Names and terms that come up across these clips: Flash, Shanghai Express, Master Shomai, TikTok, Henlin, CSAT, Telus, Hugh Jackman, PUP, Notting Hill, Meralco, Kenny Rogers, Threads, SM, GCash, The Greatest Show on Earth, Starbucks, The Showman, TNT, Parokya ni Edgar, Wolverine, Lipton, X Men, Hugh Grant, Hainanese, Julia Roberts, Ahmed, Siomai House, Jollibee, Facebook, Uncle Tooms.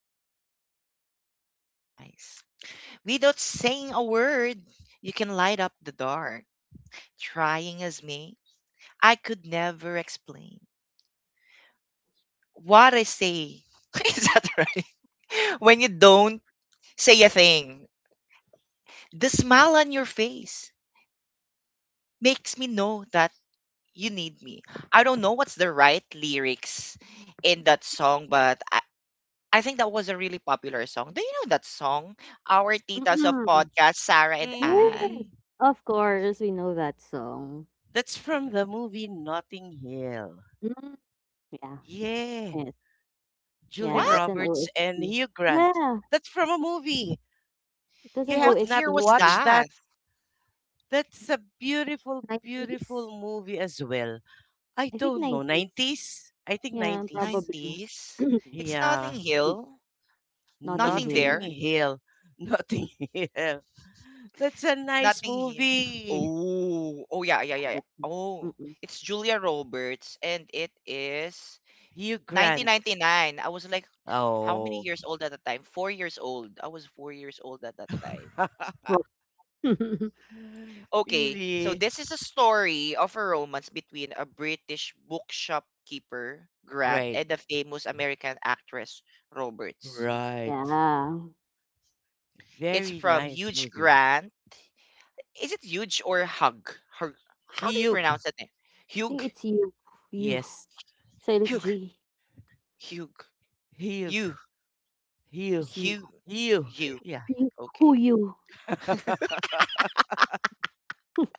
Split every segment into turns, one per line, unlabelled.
speak right to my eyes. Without saying a word, you can light up the dark. Trying as me, I could never explain what I say. Is that right? When you don't say a thing, the smile on your face makes me know that you need me. I don't know what's the right lyrics in that song, but I think that was a really popular song. Do you know that song? Our Titas of Podcast, Sarah and Ann.
Mhm. That's from the movie Notting Hill. Yeah. Julia
What?
Roberts and Hugh Grant. That's from a movie. You
What
have not
year was
watched that.
that?
That's a beautiful, beautiful movie as well. I don't know. 90s? I think 90s.
90s? It's nothing
Yeah.
hill. Nothing
Notting
there.
Hill. Notting Hill. That's a nice
Nothing here.
movie.
Oh. Oh, yeah, yeah, yeah, yeah. Oh. It's Julia Roberts and it is
Hugh Grant.
1999. I was like, how many
Oh.
years old at the time? 4 years old. I was 4 years old at that time. Okay, so
Really?
this is a story of a romance between a British bookshop keeper, Grant,
Right.
and the famous American actress, Roberts.
Right.
It's
Very
from
nice
Huge
movie.
Grant. Is it Huge or Hug? Hug. How do you
Hyuk.
pronounce that name? Hugh.
Yes.
Hugh. Hugh.
Hyuk.
You.
Hyu.
Hugh.
Hyu.
You.
Yeah.
Okay.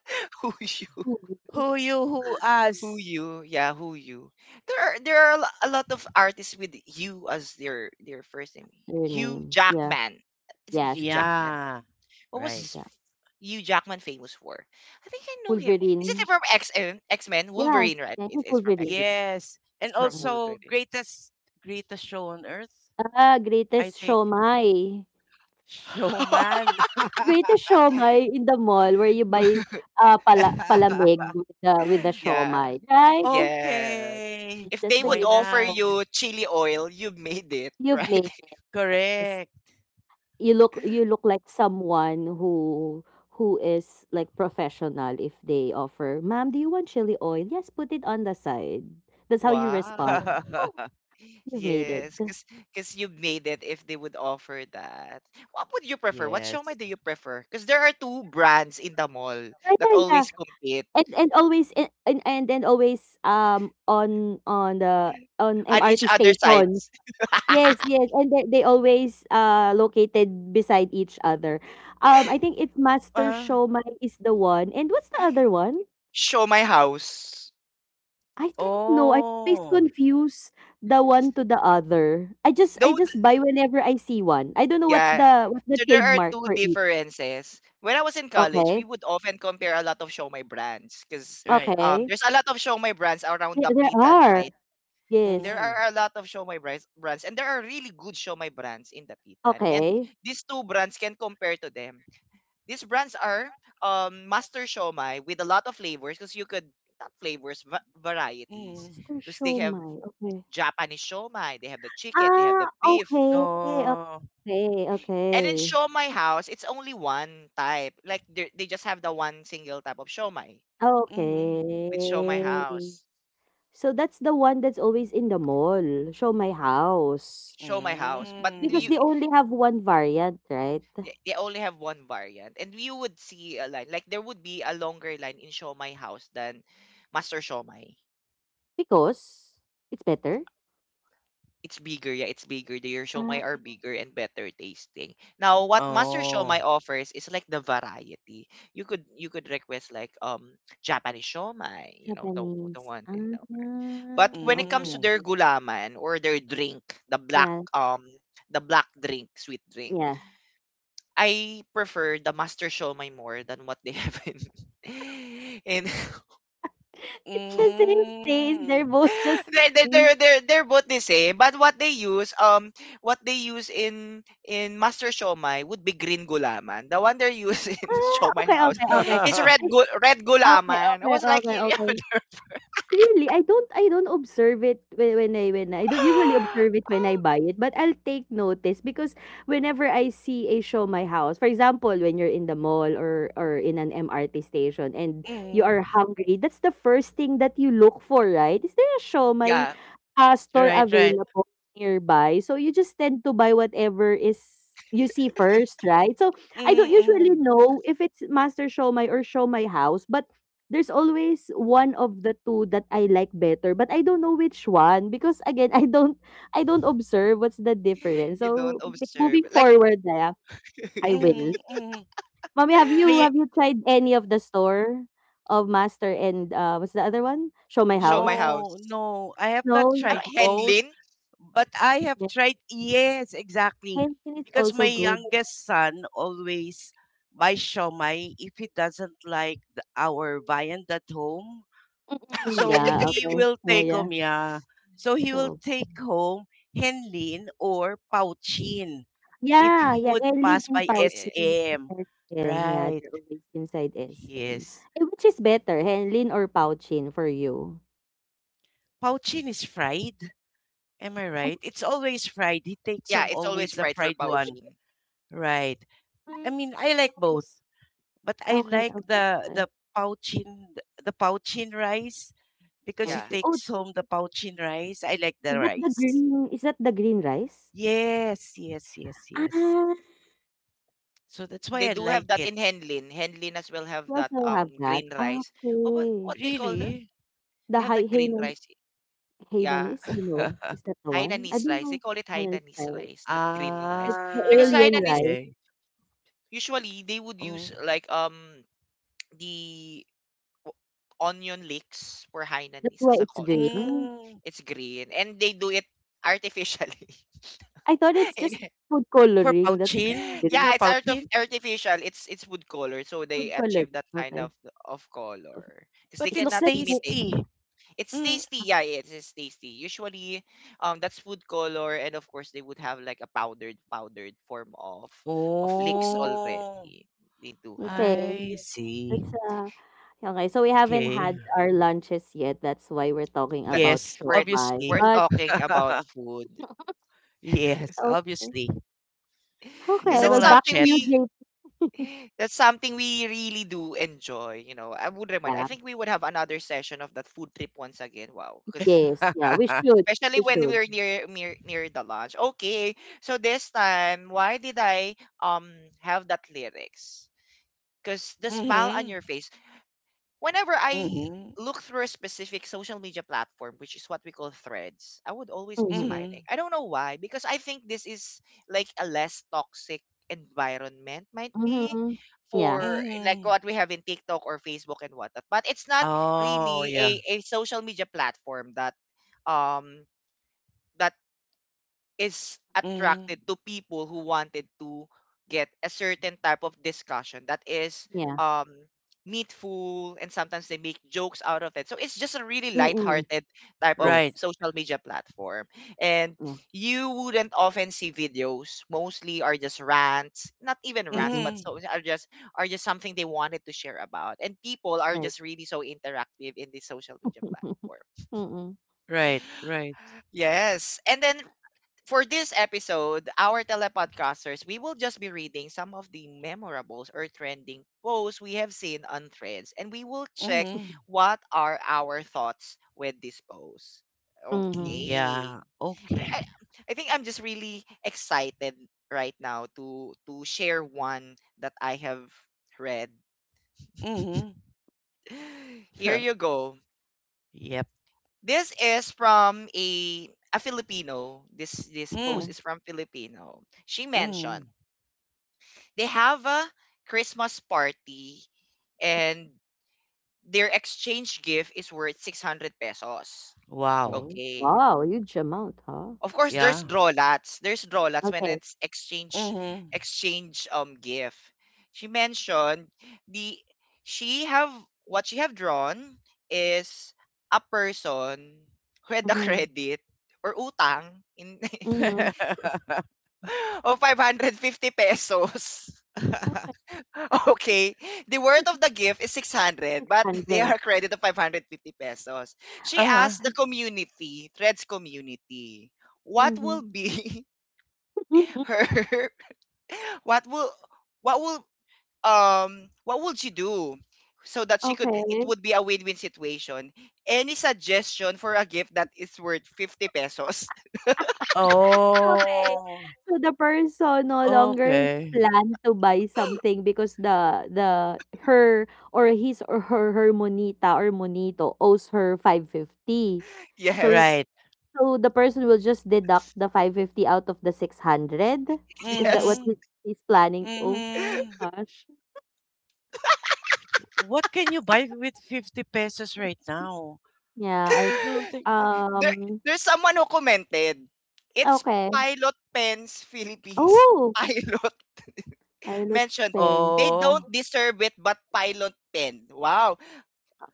Who you?
Who you, who
Who
us.
you? Yeah, who you? There are a lot of artists with you as their first name. Hugh Jackman. Is it Hugh Jackman?
Yeah.
What
Right.
was Hugh Jackman famous for? I think I know him. Is it from X Men? X Men Wolverine, right? It is from X Men.
Yes.
It's
And
from Wolverine.
also greatest show on earth. I think showman.
Yeah. Yes.
Okay.
If they
Why
would offer
not?
you chili oil, you made it, right?
Correct.
Wow. Yes, because you made it if they would offer that. What would you prefer? What
Yes.
shomai do you prefer? Because there are two brands in the mall that always compete on each other's sides.
Ah.
Show my house.
Oh.
Though, th- yeah. So there are two differences. When I was in college, we would often compare a lot of show my brands because
Right.
there's a lot of show my brands around Dapitan, right? There
Mhm.
are a lot of show my brands, and there are really good show my brands in Dapitan. And these two brands can compare to them. These brands are Master Shomai with a lot of flavors because you could not flavors varieties
Mhm.
because they have Japanese shomai, they have the chicken, they have the beef.
Oh.
And in siomai house, it's only one type. Like they just have the one single type of siomai
Mhm.
with siomai house. Siomai house, but
Mm.
you they only have one variant, and you would see a line like there would be a longer line in siomai house than master siomai. It's bigger, yeah, it's bigger. Their siomai are bigger and better tasting. Now, what master
Oh.
siomai offers is like the variety. You could request like Japanese siomai, you know the one in. But when it comes to
Mm.
their gulaman or their drink, the black um the black drink, sweet drink, I prefer the Master Shomai more than what they have in in
Mm.
they're both the same, but what they use in Master Shomai would be green gulaman. The one they're using in Shomai House is red gulaman. I was like, yeah,
Mm.
yeah,
Right, right. Mm-mm.
you don't observe like
Mm-mm. Mm. May
show my
no,
house.
no, I have not
Ah,
tried both,
Henlin?
but I have tried, yes, exactly. Because my youngest son always buys shawmai if he doesn't like the, our viand at home. So he will take home, yeah. So he will take home Henlin or Pauchin if he would pass by
Yeah, yeah, yeah. Yeah,
SM. Right. Yes. Pauchin is fried. Am I right? It's always fried. He takes
yeah,
home
it's
always
always
the
fried for
fried one.
pouching.
Right. I mean, I like both, but I like the Pauchin, the Pauchin rice, because he
Yeah.
takes home the pouchin rice. I like the rice. Yes, yes, yes, yes. So that's
They
why I
do have
like
that
it.
in Henlin. Henlin as well have that green rice. What they call that?
Really?
They have that green rice. Yeah. Hainanese rice. They call it Hainanese rice, not green rice. Because
Ah,
Hainanese
okay.
usually they would use
Mm,
like the o- onion leeks for Hainanese as a color.
mm,
It's green and they do it artificially. In
for
yeah, it's art of
pouchin,
artificial. It's wood color, so they achieve that kind of color because
but
they
it's
cannot imitate.
tasty.
It's
Mm.
tasty. Yeah, it is tasty. Usually, that's wood color, and of course, they would have like a powdered form of licks
Oh,
already. They do have
I see. Okay.
that.
Yes,
We're
obviously.
we're talking about food
Yes, obviously.
because
No
that's something we
lunchette.
that's something we really do enjoy, you know. I would remind. I think we would have another session of that food trip once again. Wow, because especially when we are near, near the launch. Okay, so this time, why did I um have that lyrics? Because the smile on your
Mm-hmm.
face whenever I
Mm-hmm.
look through a specific social media platform, which is what we call threads, I would always be smiling.
Mm-hmm.
I don't know why, because I think this is like a less toxic environment might be for like
Mm-hmm.
what we have in TikTok or Facebook and whatnot. But it's not
Oh,
really
yeah.
a social media platform that um that is
Mm-hmm.
attracted to people who wanted to get a certain type of discussion that is um meatful and sometimes they make jokes out of it. So it's just a really lighthearted type of
Right.
social media platform. And you wouldn't often see videos. Mostly are just rants, not even rants, but
Mm-hmm.
so are just something they wanted to share about. And people are just really so interactive in the social media platform.
Right, right.
Yes. And then for this episode, our telepodcasters, we will just be reading some of the memorables or trending posts we have seen on threads, and we will check
Mm-hmm.
what are our thoughts with these posts. Okay.
Yeah.
I
Okay.
I think I'm just really excited right now to share one that I have read.
Mm-hmm.
Here you go.
Yep.
This is from a Filipino. This
Mm,
post is from Filipino. She
mm.
mentioned they have a Christmas party and their exchange gift is worth 600 pesos.
Wow.
Okay. Of course, there's
Yeah.
drawlats. There's drawlats when it's exchange
Mm-hmm.
exchange um gift. She mentioned the she have what she have drawn is a person who had the credit or utang in of 550 pesos. Okay. The worth of the gift is 600, but they are credit of 550 pesos. She
Uh-huh.
asked the community, Threads community, what will be her what will what will what will she do so that she could it would be a win-win situation. Any suggestion for a gift that is worth 50 pesos?
Oh. Okay.
Yes.
Right. Mm-hmm.
Yes.
Mm-hmm. What can you buy with 50 pesos right now? I don't think.
There there's someone who commented, "It's Pilot Pens Philippines." Pilot mentioned, "They don't
Oh.
deserve it, but Pilot Pen." Wow,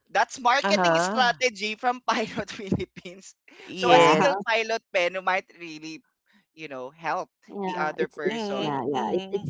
that's marketing
Uh-huh.
strategy from Pilot Philippines. So a
Yes.
single Pilot Pen might really, you know, help the other person.
Mm-hmm.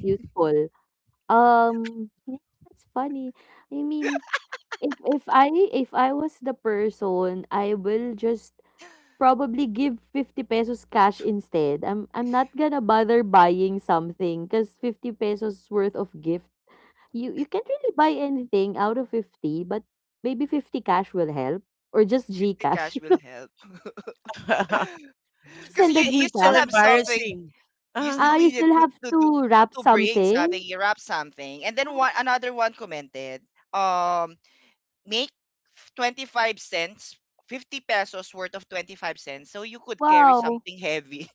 50 cash will help. Because
But
you
that's
still
so
have something.
embarrassing.
You
Ah!
still needed to do, to bring something, you wrap something, and then one another one commented, um, make 25 cents, 50 pesos worth of 25 cents, so you could carry something heavy,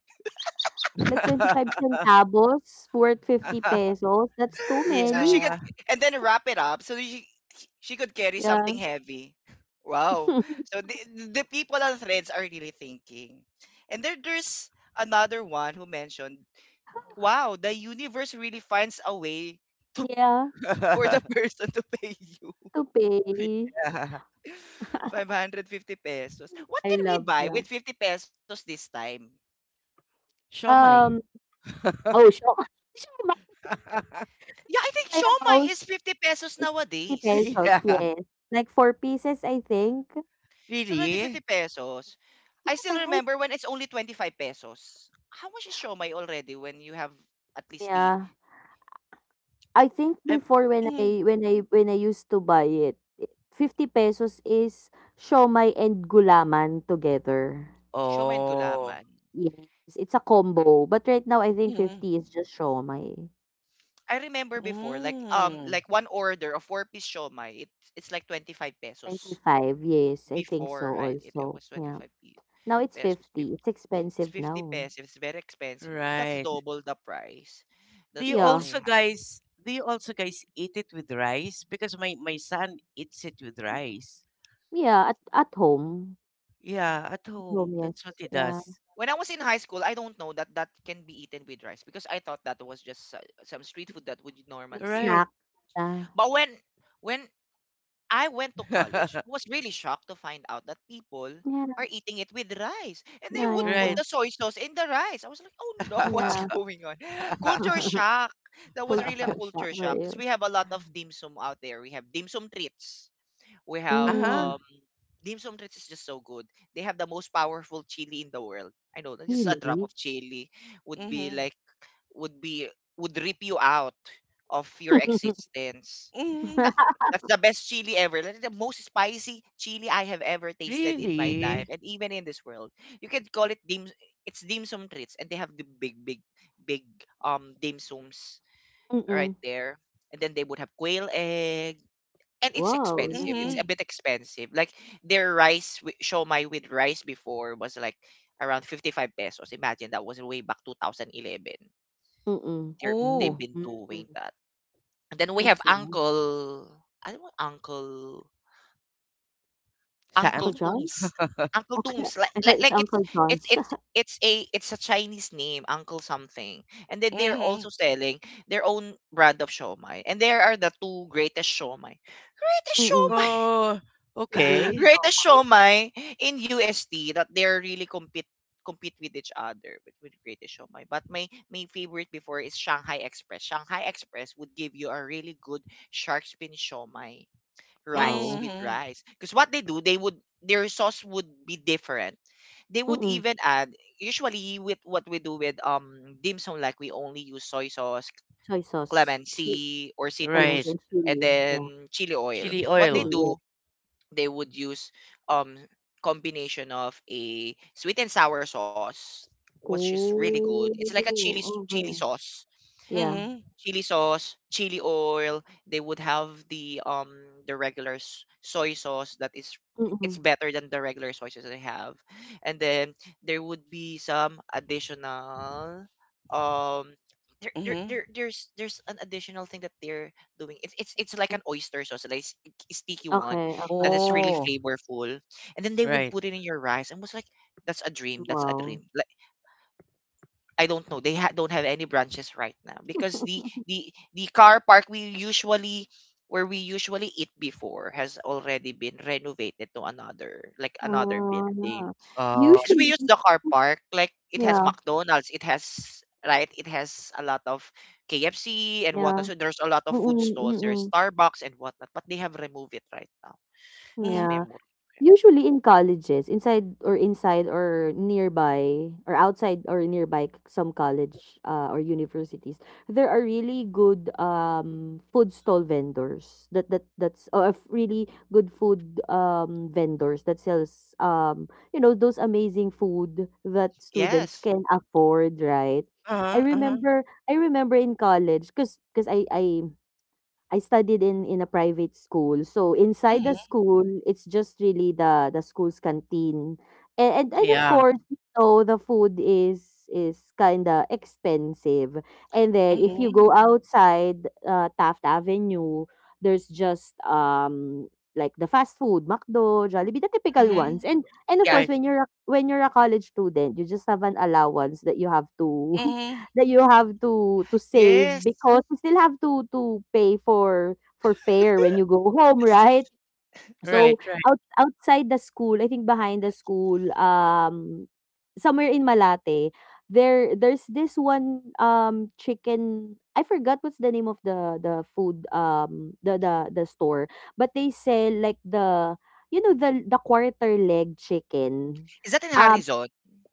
so she could,
Yeah.
and then wrap it up, so she could carry something heavy. Wow! So the people on threads are really thinking, and there's another one who mentioned, wow, the universe really finds a way to for the person to pay you
Yeah.
550 pesos. What can we buy with 50 pesos this time?
Shomai.
Yeah, I think siomai is 50 pesos nowadays.
Yeah.
It's already 50
Really?
pesos. I still remember when it's only 25 pesos. How much is siomai already when you have at least the
I'm. Mm.
siomai and
Oh.
gulaman?
Mm.
I remember before,
Mm.
like one order of four-piece siomai, it, it's like 25 pesos before, right? It was pesos. It's 50 pesos. It's very expensive. Mm, that's
Right.
double the price
Do
that
you
they
also
have.
guys? Do you also guys eat it with rice? Because my son eats it with rice. Yeah, at home. That's what he does.
When I was in high school, I don't know that that can be eaten with rice because I thought that was just some street food that would normally eat.
Right.
But when I went to college, I was really shocked to find out that people are eating it with rice and they would put
Right.
the soy sauce in the rice. I was like, "Oh no, what's going on?" Culture shock. That was really a
Uh.
culture shock because we have a lot of dim sum out there. We have dim sum treats. We have
Ah,
dim sum treats is just so good. They have the most powerful chili in the world. I know that just a drop of chili would be
mhm.
like would be would rip you out of your existence. That,
Mhm.
that's the best chili ever. That's the most spicy chili I have ever tasted in my life
Really?
and even in this world. You can call it dim it's dim sum treats and they have the big dim sums right there. And then they would have quail egg and it's expensive. It's a
Mhm.
bit expensive. Like their rice siomai with rice before was like around 55 pesos. Imagine that was way back 2011. They've
Oh,
been doing that. And then we have Uncle, I don't know. Uncle
Sam?
Tooms. Uncle Tooms like, like it's it's a Chinese name, Uncle something. And then they're
Mhm.
also selling their own brand of siomai. And there are the two greatest siomai. Greatest siomai.
Oh, okay.
Greatest Showmai in USD that they're really compete with each other, with Greatest Showmai. But my favorite before is Shanghai Express. Shanghai Express would give you a really good shark fin shomai rice with
Mhm.
rice. Because what they do, they would, their sauce would be different. They would even add, usually with what we do with dim sum, like we only use soy sauce, clemency or
Right.
citrus, and then chili oil.
Chili
What they
oil.
do, they would use um combination of a sweet and sour sauce, which is really good. It's like a chili s- chili sauce,
Mhm.
chili sauce, chili oil. They would have the regular s- soy sauce that is, it's better than the regular soy sauce they have. And then there would be some additional um there, there,
Mhm.
there there's there's an additional thing that they're doing. It's it's like an oyster sauce, like s- a sticky one that is really
Oh,
flavorful. And then they would
right.
put it in your rice and was like, that's a dream, that's a dream. Like, I don't know. They ha- don't have any branches right now because the car park we usually, where we usually eat before has already been renovated to another, like another building.
Uh,
Because we use the car park, like it has McDonald's, it has, right, it has a lot of KFC and whatnot. So there's a lot of food stalls. There's Starbucks and whatnot, but they have removed it right now. That's
Mhm.
memory. Yes.
Uh-huh, uh-huh. Mhm. Yeah. Mhm.
Hmm.
Mhm.
Yeah.
Right. Mhm.
Yes.
Right, right,
Is that in Harrison?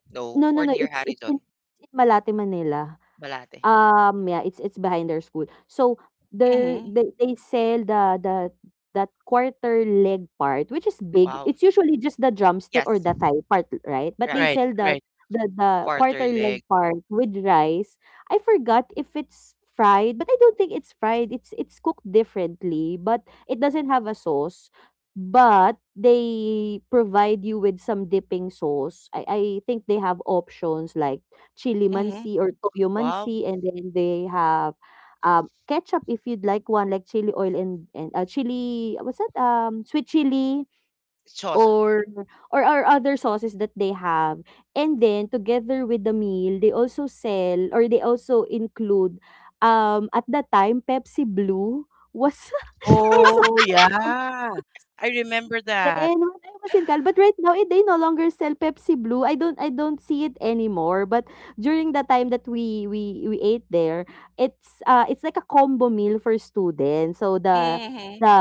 No, or near Harrison? Balate.
Mhm.
Wow. Yes, right.
right, right.
Quarter leg.
Mhm.
Wow. Sauce.
Oh, yeah. I remember that. Mhm.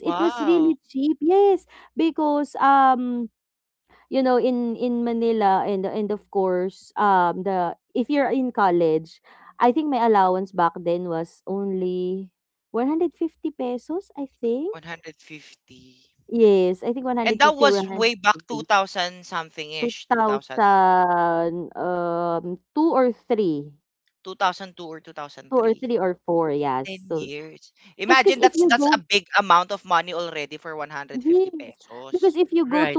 Wow. 150. And that was way back 2000 something-ish, 2000, 2002 or 2003. 10 years. Imagine that's a big amount of money already for 150 pesos.
Right.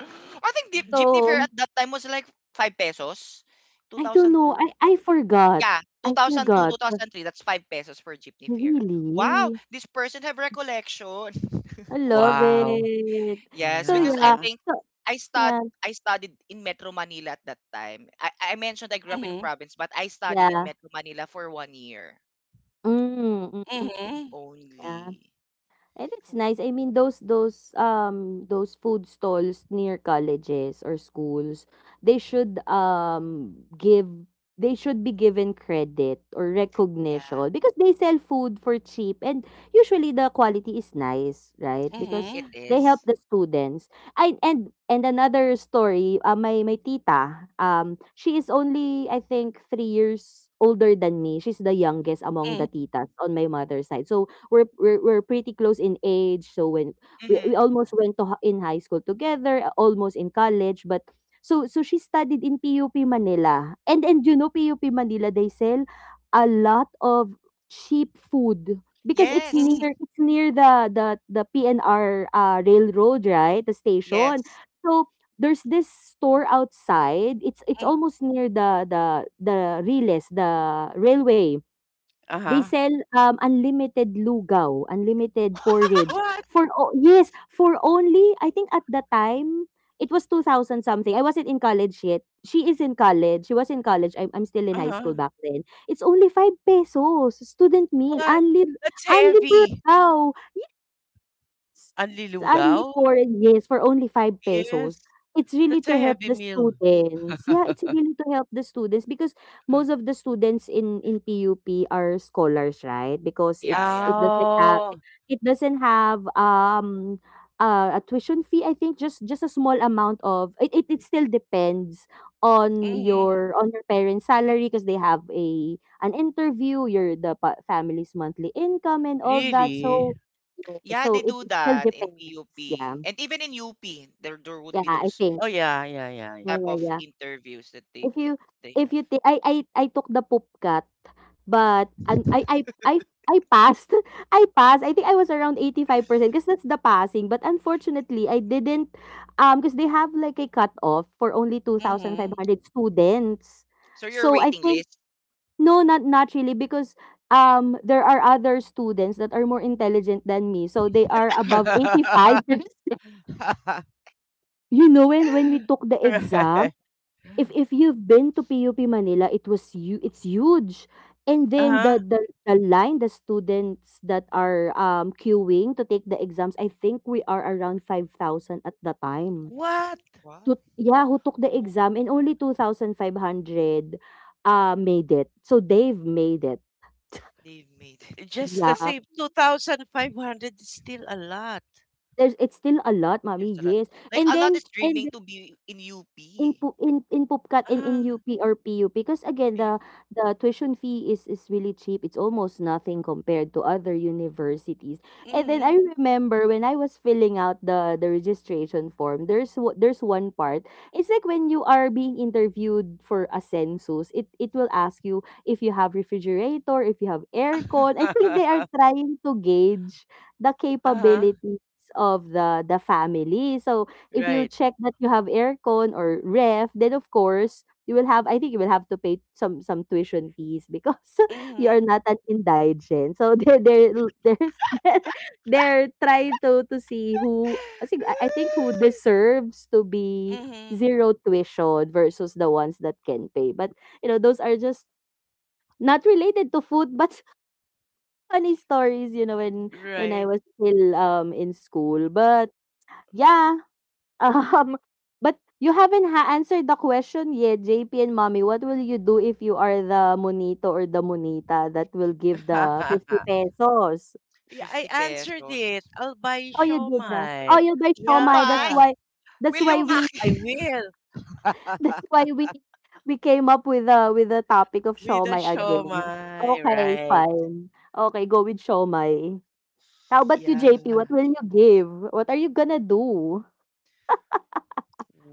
I think the jeepney fare at that time was like 5 pesos. 2002. Yeah, 2002, 2003, that's 5 pesos for jeepney fare. Wow, this person have recollection.
Wow.
Yes, because I
Yeah.
think I stud I studied in Metro Manila at that time. I mentioned I grew up in
Mhm,
province, but I studied in Metro Manila for 1 year
mhm,
only. Yeah, it
mhm,
is.
mm,
Mm-hmm. Yes,
mhm,
yes.
mhm. Uh-huh. What? Uh-huh. What? That's heavy. Anlilugaw? Yes. That's a heavy meal.
Yeah, yeah.
Oh. Mhm. Really?
Yeah, they do that in PUP. And even in UP, there would be those
Oh, yeah, yeah, yeah, yeah.
type of interviews that they have.
Mhm.
So your waiting list.
Right. Uh-huh. What?
Wow. Oh, they've made it.
Just the
I'm,
same, 2,500 is still a lot.
there's a lot. Like a lot is dreaming to be in UP.
Ah,
Eh,
mhm. Uh-huh. Right. Mm-hmm. Mm-hmm. Right. Yeah, I
50
answered
pesos.
it. I'll buy shomai.
Show Siomai?
Yeah.
Will you
Shomai.
pack?
I will. With a shomai, right? Yeah.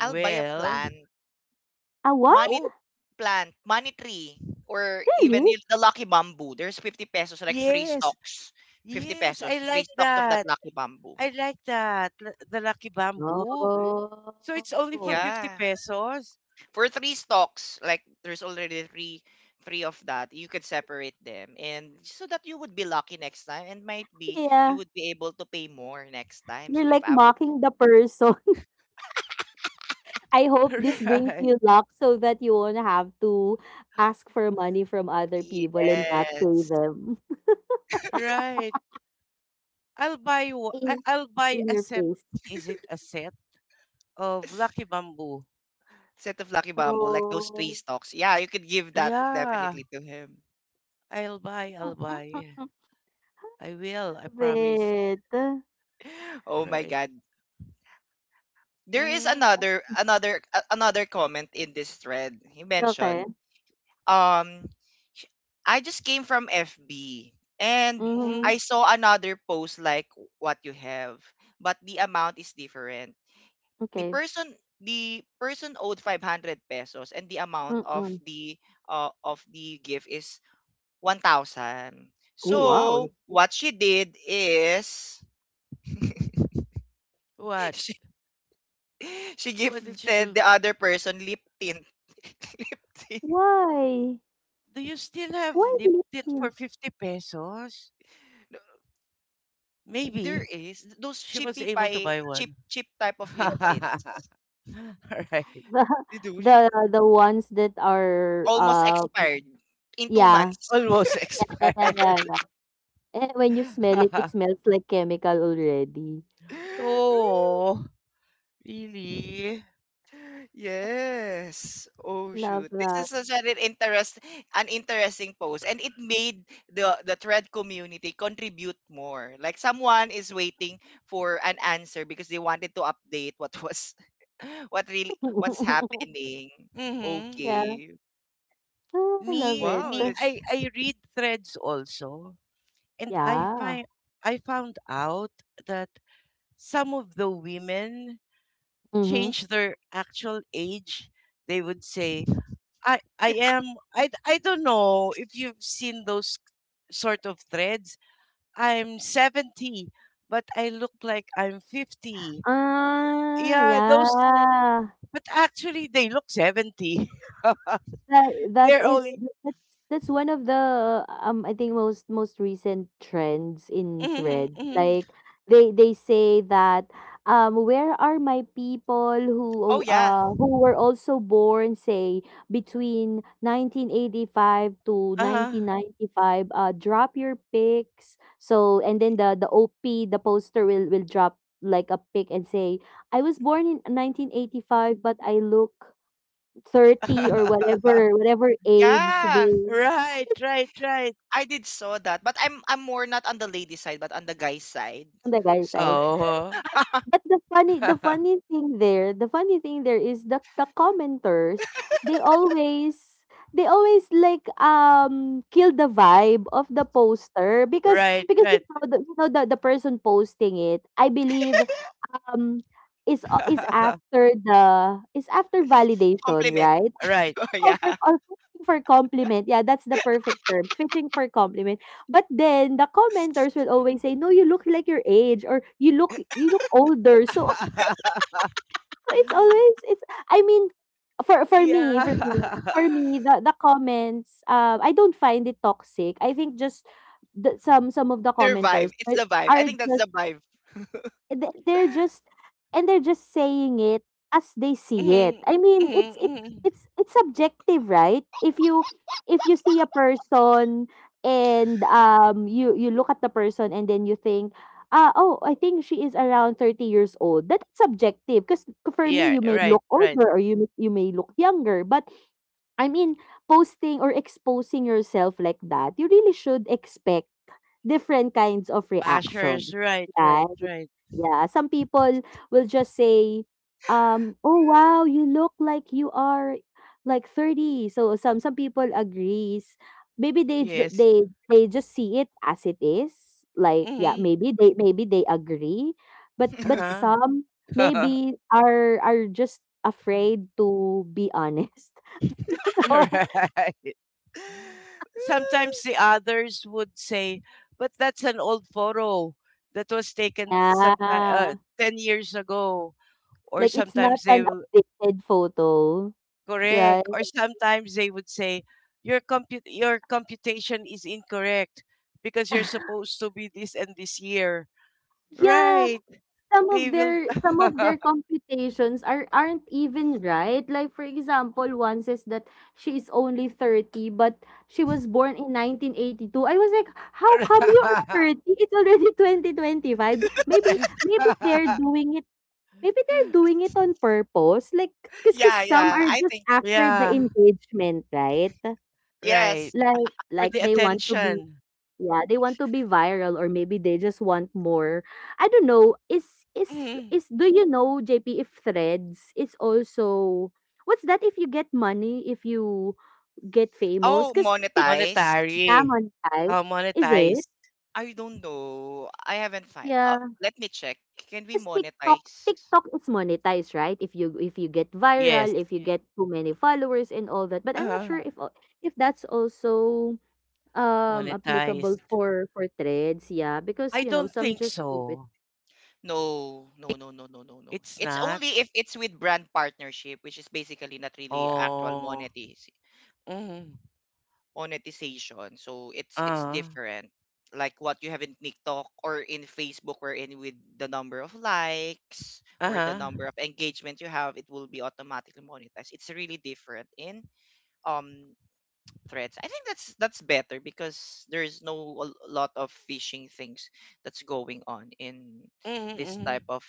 I'll buy a plant. Money
oh,
plant. Money tree. Or even y- the lucky bamboo. There's 50 pesos, like three
yes.
stalks. 50
Yes, I
pesos. Three
like
stalks of that
that.
lucky bamboo.
I like that. L- the lucky bamboo. So it's only for 50
Yeah.
pesos.
For three stocks, like there's already three, of that you could separate them, and so that you would be lucky next time and might be you would be able to pay more next time. So if I would,
Right.
yes.
Right. I- I'll buy a set. Is it a set of Lucky Bamboo?
Set of lucky bamboo, like those three stocks, yeah, you could give that
Yeah,
definitely to him.
I'll buy. I'll buy. I will. I promise.
Oh my
Right.
god, there is
Mhm.
another, another comment in this thread he mentioned, um sh- I just came from FB and I
Mhm.
saw another post like what you have, but the amount is different. The person, owed 500 pesos and the amount of the gift is 1000. So
Mhm.
what she did is,
What?
she, she
What did you
gifted
do?
the other person lip tint. Lip tint.
Do you still have Lipton for 50 pesos?
There
Maybe
is those
she was
cheapy
able to
pie,
buy
cheap
one.
cheap type of lip
All
tints.
right.
You almost expired in 2 months.
Almost expired. Oh, really?
Yes. Oh shoot. This is such an interest, an interesting post, and it made the thread community contribute more. Like someone is waiting for an answer because they wanted to update what was, what really, what's happening.
Mm-hmm.
Okay. Wow, that's,
I read threads also, and I find I found out that some of the women change their actual age. They would say, I am." I don't know if you've seen those sort of threads. I'm 70, but I look like I'm 50. Yeah, those. But actually, they look 70. They're only. Mm-hmm, mm-hmm.
oh yeah.
Uh-huh.
Yeah.
Right, right, right.
I did saw that, but I'm more not on the lady side, but on the guy side. Sorry.
Oh. Right, right.
Compliment.
Right.
Oh, yeah.
Yeah.
Their vibe. It's the vibe. I think that's the vibe.
Mhm, mhm, mhm. Yeah, right, right. Bashers, right, right, right. Yes. Hmm. Uh-huh. Right. Sometimes the others would say, but that's an old photo that was taken sometime 10 years ago. Or sometimes they will Correct. Or sometimes they would say your compute your computation is incorrect because you're supposed to be this and this year. Right. They will
Yeah, yeah. I think,
Yeah, right.
yes.
For the attention. Mhm.
Oh, monetized.
Monetary. Monetized.
I don't know. I haven't find. Oh, let me check. Can we monetize?
Yes. Uh, monetized. I don't think so.
No, no, no, no, no, no, no.
It's
It's
not.
only if it's with brand partnership, which is basically not really actual
Oh.
monetize,
Mm.
monetization. So it's
Uh,
different. Like what you have in TikTok or in Facebook, wherein with the number of likes or the
uh-huh.
number of engagement you have, it will be automatically monetized. It's really different in um threads. I think that's better because there's no a lot of phishing things that's going on in this
Mm-hmm.
type of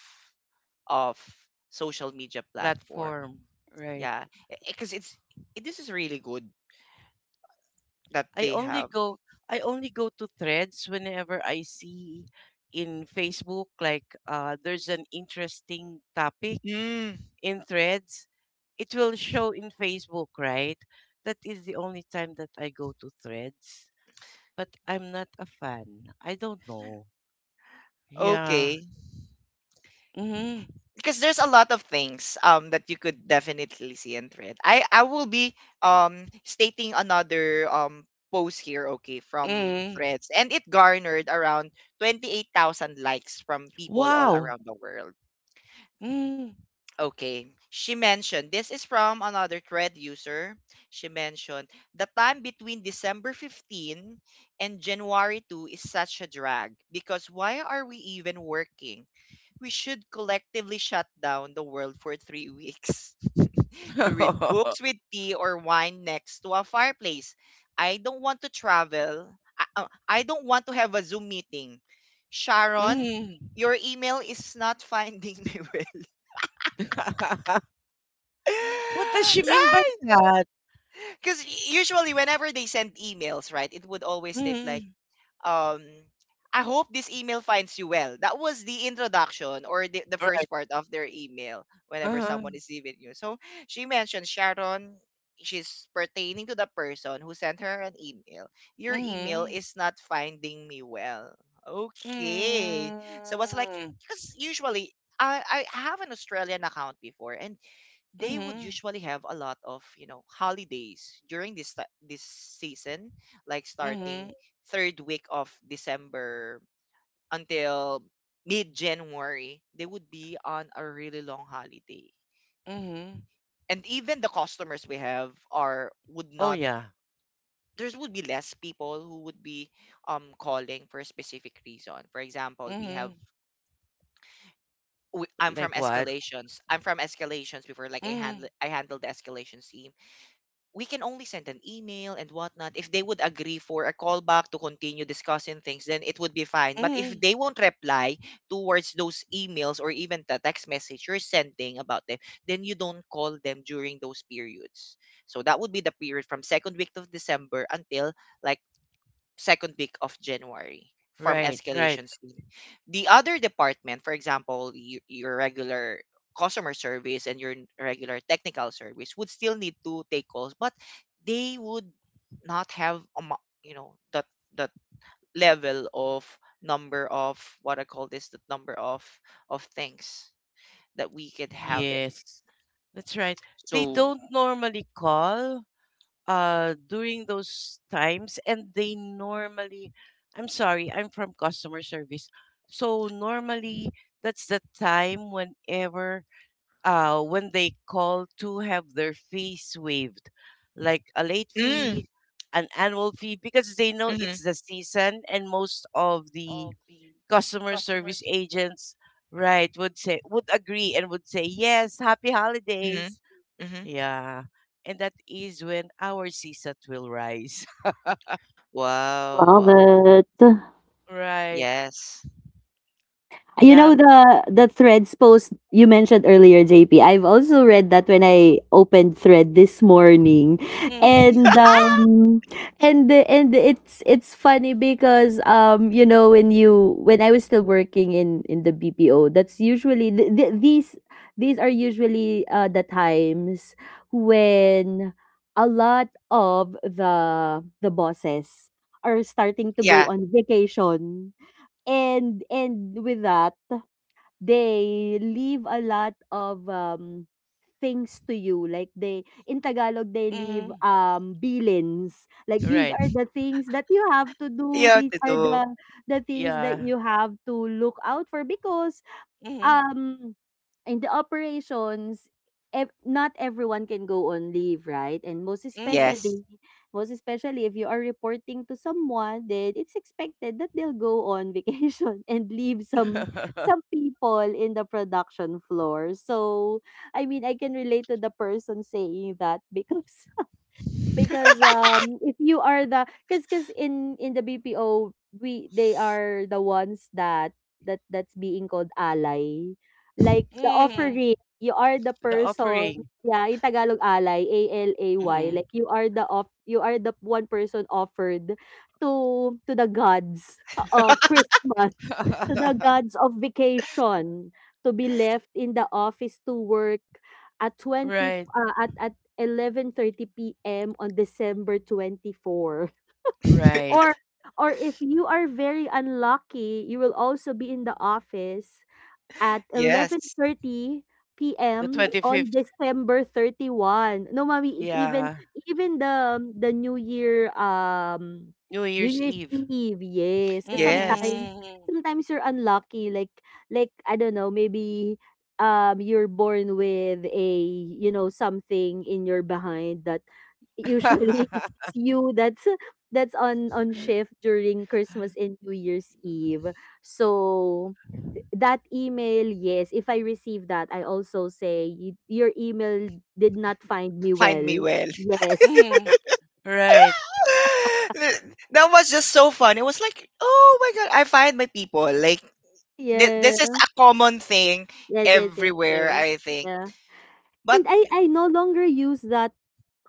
of social media platform.
Platform. Right.
Yeah. Because it's this is really good that
I
they
only
have.
go I only go to threads whenever I see in Facebook like there's an interesting topic in threads. It will show in Facebook, right? That is the only time that I go to threads. But I'm not a fan. I don't know. Yeah.
Okay.
Mm-hmm.
Because there's a lot of things that you could definitely see and thread. I will be stating another post here, okay, from
Mm.
threads, and it garnered around 28,000 likes from people all
Wow.
around the world.
Mm.
Okay. She mentioned, this is from another thread user. She mentioned, the time between December 15 and January 2 is such a drag because why are we even working? We should collectively shut down the world for 3 weeks to read books with tea or wine next to a fireplace. I don't want to travel. I don't want to have a Zoom meeting. Sharon,
Mm.
your email is not finding me,
What does she mean by
right?
that?
Because usually whenever they send emails, right, it would always state like,
Mm.
um, I hope this email finds you well. That was the introduction, or the
All right.
first part of their email whenever
Uh-huh.
someone is leaving you. So she mentioned, Sharon, she's pertaining to the person who sent her an email. Your email
Mm-hmm.
is not finding me well. Okay. So I was like,
Mm.
because usually I, have an Australian account before, and they would
Mm-hmm.
usually have a lot of, you know, holidays during this ti- this season, like
Mm-hmm.
starting third week of December until mid January, they would be on a really long holiday.
Mm-hmm.
And even the customers we have are would
Oh
not,
yeah.
there would be less people who would be calling for a specific reason. For example, we
Mm-hmm.
have, I'm
Like
from
what?
escalations, before like
Mm-hmm.
I handled the escalations team. We can only send an email and whatnot. If they would agree for a callback to continue discussing things, then it would be fine. But if
Mm-hmm.
they won't reply towards those emails, or even the text message you're sending about them, then you don't call them during those periods. So that would be the period from second week of December until, like, second week of January from
Right, right.
escalations team. The other department, for example, your, regular customer service and your n- regular technical service would still need to take calls, but they would not have a, you know, that that level of number of, what I call this, the number of things that we could have it.
Yes. That's right. They
So,
don't normally call during those times and they normally I'm sorry, I'm from customer service. So normally that's the time whenever when they call to have their fees waived, like a late
mm,
fee, an annual fee, because they know
mm-hmm,
it's the season, and most of the customer service agents, right, would say would agree and would say yes, happy
mm-hmm,
holidays,
mm-hmm.
yeah, and that is when our CSAT will rise,
Wow,
Love
wow,
it.
right?
yes,
You know
Yep.
the Threads post you mentioned earlier, JP. I've also read that when I opened Thread this morning,
Mhm.
and um, and it's funny because when I was still working in the BPO. That's usually these these are usually the times when a lot of the bosses are starting to
yeah,
go on vacation. And with that, they leave a lot of things to you. Like they, in Tagalog, they leave
Mhm.
bilins. Like, these
Right.
are the things that you have to
you
do.
have
These
to
are
do.
the things that
Yeah.
you have to look out for because
Mhm.
um in the operations, not everyone can go on leave, right? And
Mhm.
Yes.
most especially if you are reporting to someone, then it's expected that they'll go on vacation and leave some people in the production floor. So I mean, I can relate to the person saying that because if you are the, because in the BPO, we, they are the ones that that's being called ally, like the
Mhm.
offering. You are the
The
person,
offering.
yeah. In Tagalog, ally, ALAY,
Mhm.
like you are the off you are the one person offered to the gods of Christmas, to the gods of vacation, to be left in the office to work at twenty f-
Right,
at 11:30 PM on December 24. Or
right.
if you are very unlucky, you will also be in the office at
Yes.
11:30
The
p.m. on
25th,
December 31. No, mommy, it even,
yeah.
the New Year,
New
New
Year's
Year's
Eve.
Eve, yes. Cause
Yes.
Mm.
sometimes you're unlucky. Like, I don't know, maybe you're born with a, you know, something in your behind that usually it's you that's on shift during Christmas and New Year's Eve. So that email, yes, if I receive that, I also say, "Y- your email did not find me
Find me
well.
well.
Yes."
Mm. Right.
Th- that was just so fun. It was like, oh my god, I find my people. Like th- this is
Yeah.
a common thing
Yes, yes, yes,
everywhere,
yes.
I think.
Yeah.
But
And I no longer use that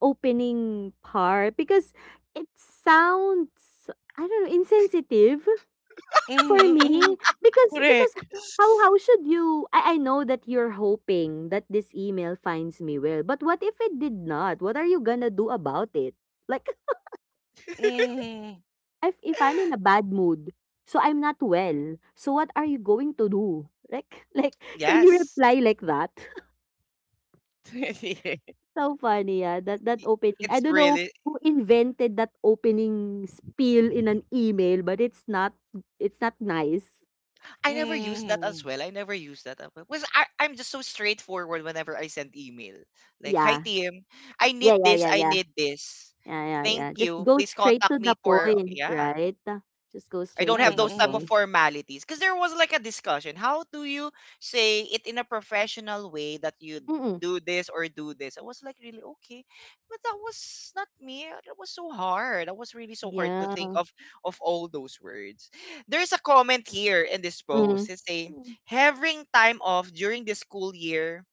opening part because it sounds, I don't know, insensitive for
Mm-hmm. Mm-hmm.
me, because
Correct.
how should you, I know that you're hoping that this email finds me well, but what if it did not? What are you gonna do about it? Like,
Mm.
if I'm in a bad mood, so I'm not well, so what are you going to do? Like like, can you
yes,
reply like that? So funny, yeah. That
y-
opening. I
it's
don't know
really.
who invented that opening spiel in an email, but it's not nice.
I never use that as
Mm.
well. I never use that as well. Because I, I'm just so straightforward whenever I send email. Like, hi
Yeah.
team, I
Yeah,
need
yeah,
this.
yeah,
I
yeah.
need this.
Yeah, yeah,
Thank
yeah. Just
you.
go
Please
straight
contact
to the
me for,
point,
yeah.
right? Just go
I
straight
don't
to
have
the
those type of
Mm-mm.
point.
formalities because there was like a discussion. How do you say it in a professional way that you
Mm-mm.
do this or do this? I was like, really okay, but that was not me. That was so hard. That was really so hard to
Yeah.
think of all those words. There's a comment here in this
Mm.
post. It say,
Mm.
having time off during the school year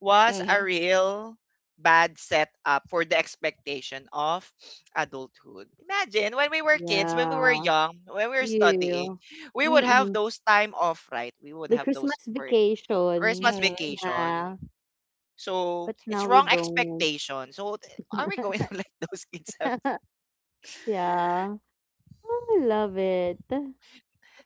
was a
Mm-hmm.
real bad setup for the expectation of adulthood. Imagine when we were kids, when we were
Yeah.
young, when we were studying,
Yeah.
we would have
Mm-mm.
those time off, right? We would
The
have those
Christmas
for Christmas
vacation,
Mm.
vacation.
yeah,
So
but
it's
now we
wrong
don't.
expectation. So th- are we going to let those kids have?
Yeah. Oh, I love it.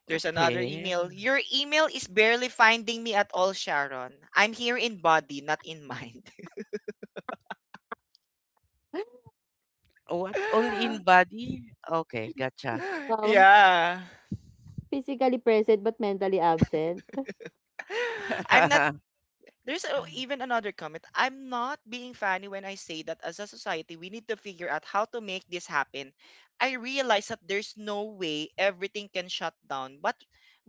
There's another
Okay.
email. Your email is barely finding me at all, Sharon. I'm here in body, not in mind.
What? Only in
Um,
body? Okay, gotcha.
um,
Yeah.
physically present but mentally absent.
I'm not, there's a, even another comment. I'm not being funny when I say that as a society, we need to figure out how to make this happen. I realize that there's no way everything can shut down, but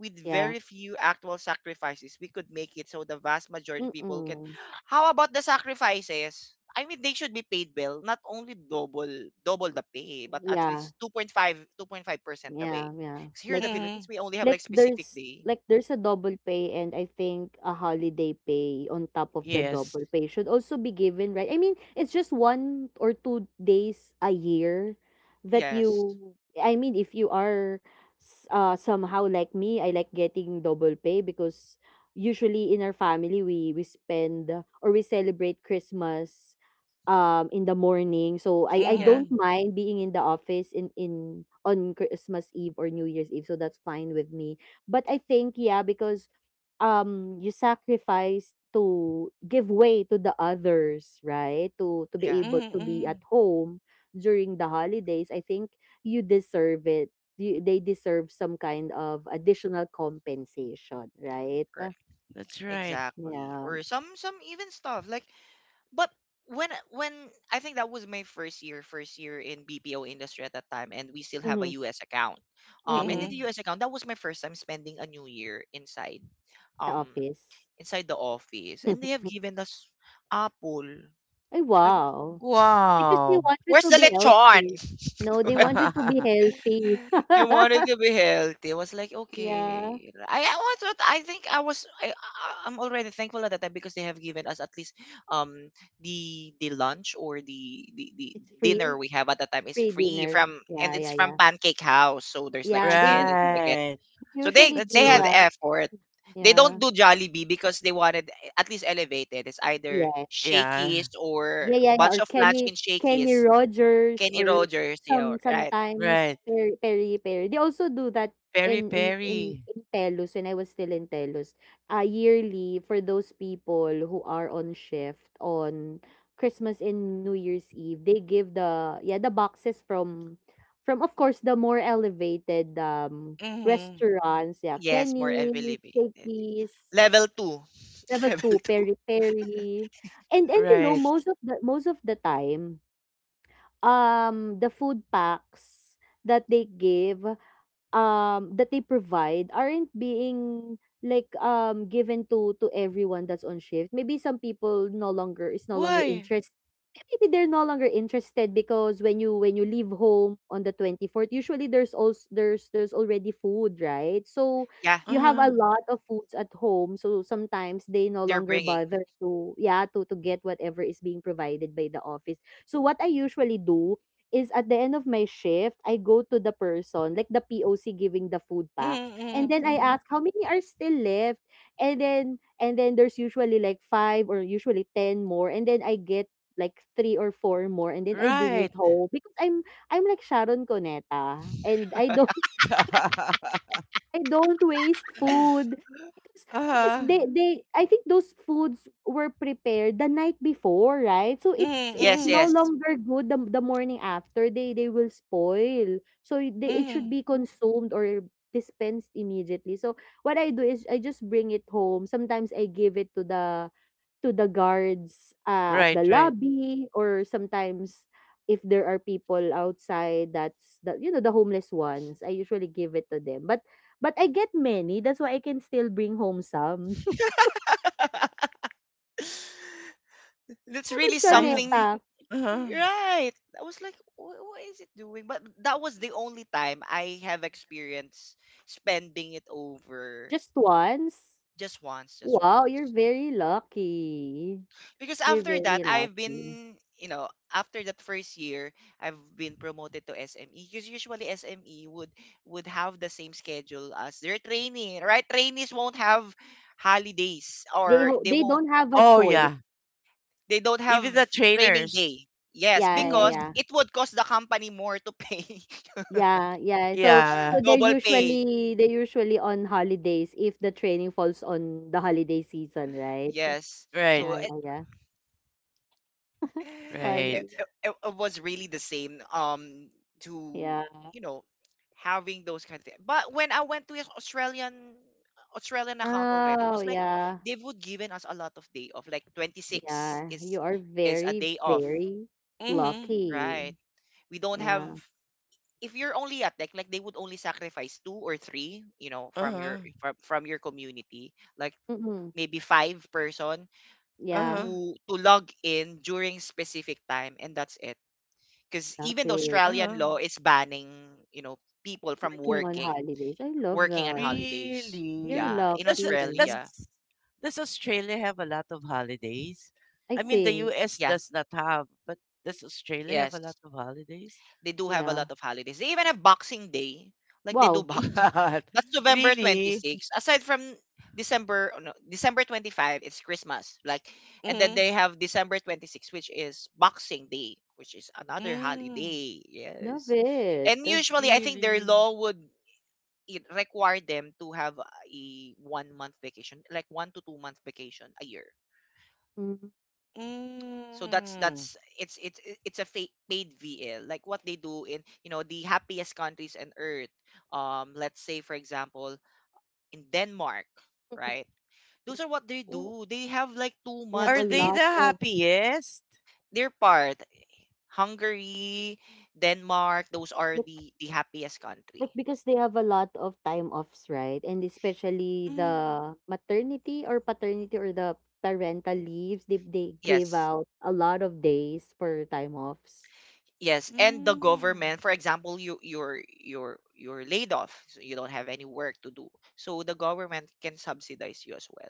with
Yeah,
very few actual sacrifices, we could make it so the vast majority of people can.
mm.
How about the sacrifices? I mean, they should be paid well, not only double the pay, but at
Yeah,
least two point five percent the pay.
yeah, yeah.
'Cause here in
Like,
the
Mm.
Philippines, we only have like specific
There's
day.
like there's a double pay, and I think a holiday pay on top of the
Yes.
double pay should also be given, right? I mean, it's just 1 or 2 days a year that
Yes.
you, I mean, if you are somehow like me, I like getting double pay because usually in our family, we spend or we celebrate Christmas in the morning. So I
Yeah.
don't
Mm.
mind being in the office in on Christmas Eve or New Year's Eve. So that's fine with me. But I think, yeah, because you sacrifice to give way to the others, right? To be
Yeah.
able to be
Mm-mm.
at home during the holidays. I think you deserve it. You, they deserve some kind of additional compensation, right?
That's right.
Exactly.
Yeah.
Or some even stuff like but when I think that was my first year in BPO industry at that time and we still have a
Mm-hmm.
US account. And in
Mm-mm.
the
Mm.
US account, that was my first time spending a new year
The
um
office.
inside the office, and they have given us apple.
Ay,
I don't-
wow. Because they
Wow.
want you
Where's
to
the
be
lechon?
healthy. No, they want you to be healthy.
They wanted to be healthy. I was like,
Yeah.
okay. I was what I think I was am already thankful at that time because they have given us at least um the lunch, or the
It's
dinner
free,
we have at that time is
free
free
dinner.
from, and
Yeah,
it's
yeah,
from
yeah.
Pancake House. So there's like
Yeah, they
chicken and
usually
spaghetti.
Right.
So they
That's
they
do
had
good.
that.
effort. They don't
Yeah.
do Jollibee because they wanted at least elevated. It's either
Yes.
Shakey's
Yeah.
or
Yeah, yeah, yeah,
bunch
or
of lunch
Kenny,
in Shakey's.
Rogers,
Kenny
or
Rogers, yeah, right.
sometimes
Right.
Perry, Perry. They also do that
Peri
in
peri.
in Telus when I was still in Telus. Yearly, for those people who are on shift on Christmas and New Year's Eve, they give the, yeah, the boxes from of course the more elevated
Mm-hmm.
restaurants. Yeah,
Yes, more
Kenny,
elevated.
Shakey's,
Level 2.
Level
Level
two,
2.
peri-peri. And you know,
Right.
most of the time, the food packs that they give, that they provide, aren't being like given to everyone that's on shift. Maybe some people no longer is no longer
Why?
interested. Maybe they're no longer interested because when you leave home on the 24th, usually there's also there's already food, right? So
Yeah,
you have a
Uh-huh.
lot of foods at home, so sometimes they no
they're
longer
bringing.
bother to, yeah, to get whatever is being provided by the office. So what I usually do is, at the end of my shift, I go to the person, like the POC giving the food packs, and
Mm-hmm.
then I, Mm,
Mm-hmm.
ask how many are still left, and then there's usually like five or usually ten more, and then I get like three or four more, and then I bring it
Right.
home because I'm like Sharon Coneta, and I don't waste food because
Uh-huh.
they, I think those foods were prepared the night before, right? So it's
Yes,
Mm-hmm.
no
yes.
longer good the morning after. They will spoil. So it should
Mm-hmm.
be consumed or dispensed immediately. So what I do is I just bring it home. Sometimes I give it to the guards, at
Right,
the
right.
lobby, or sometimes if there are people outside, that's the, you know, the homeless ones, I usually give it to them, but I get many, that's why I can still bring home some.
That's
Meron
really
ka
I have.
neta,
something,
Uh-huh.
right? I was like, "What is it doing?" But that was the only time I have experienced spending it over
just once.
just once, just
Wow, you're
once.
very lucky.
Because
You're
after that,
very
I've
lucky.
been, you know, after that first year, I've been promoted to SME. Because usually SME would have the same schedule as their training, right? Trainees won't have holidays,
They
or they
they
won't,
don't have a
Oh,
choice.
yeah.
they don't have
Even the
training
trainers.
day. Yes,
Yeah, yeah,
because
Mm-hmm.
yeah.
it would cost the company more to pay
Yeah, yeah. So
Yeah.
they're
double pay.
usually, they're usually on holidays if the training falls on the holiday season, right?
Yes.
Right,
Yeah,
So
yeah, yeah. It's
it,
funny.
right.
it, it was really the same to
Yeah.
you know having those kind of things, but when I went to his Australian account already, it
Oh,
was like
yeah.
they would given us a lot of day off, like 26
Yeah.
is
You are
is a
very,
day off,
very
Mm-hmm.
right?
lucky.
We don't have,
Yeah.
if you're only at like, they would only sacrifice two or three, from
Uh-huh.
your from your community, like
Mm-mm.
maybe five person
Yeah.
Uh-huh.
to log in during specific time, and that's it. Because
Stop
even the
it.
Australian law
Uh-huh.
is banning, you know, people from
Working on
working,
holidays. I love
working on
that.
holidays.
You're
Really?
Yeah, in
Does uh,
lucky. You
does
know?
Australia.
does Australia have a lot of holidays?
I
I mean, the
think.
US
Yeah,
does not have, but does Australia have a
yes.
lot of holidays?
They do have a
Yeah.
lot of holidays. They even have Boxing Day. Like they do
Wow.
boxing.
What?
That's November
Really?
26. Aside from December, oh, no, December 25, it's Christmas. Like, and then
Mm,
they have December 26, which is Boxing Day, which is another
mm,
holiday.
Love
Yes.
it.
And usually, I think their
really?
law would it require them to have a one month vacation, like one to two month vacation a year.
Mm-mm.
So that's
Mm.
that's it's a paid VL, like what they do in the happiest countries on earth. Let's say, for example, in Denmark, right? Those are what they
Oh,
do. They have like two
They have
months
are
a
paid
they the
lot of,
happiest?
their part. Hungary, Denmark, those are the happiest
like,
country.
because they have a lot of time offs, right? And especially
Mm,
the maternity or paternity or the parental leaves, they give
Yes.
out a lot of days for time offs.
Yes, and the
mm.
government, for example, you're laid off, so you don't have any work to do. So the government can subsidize you as well.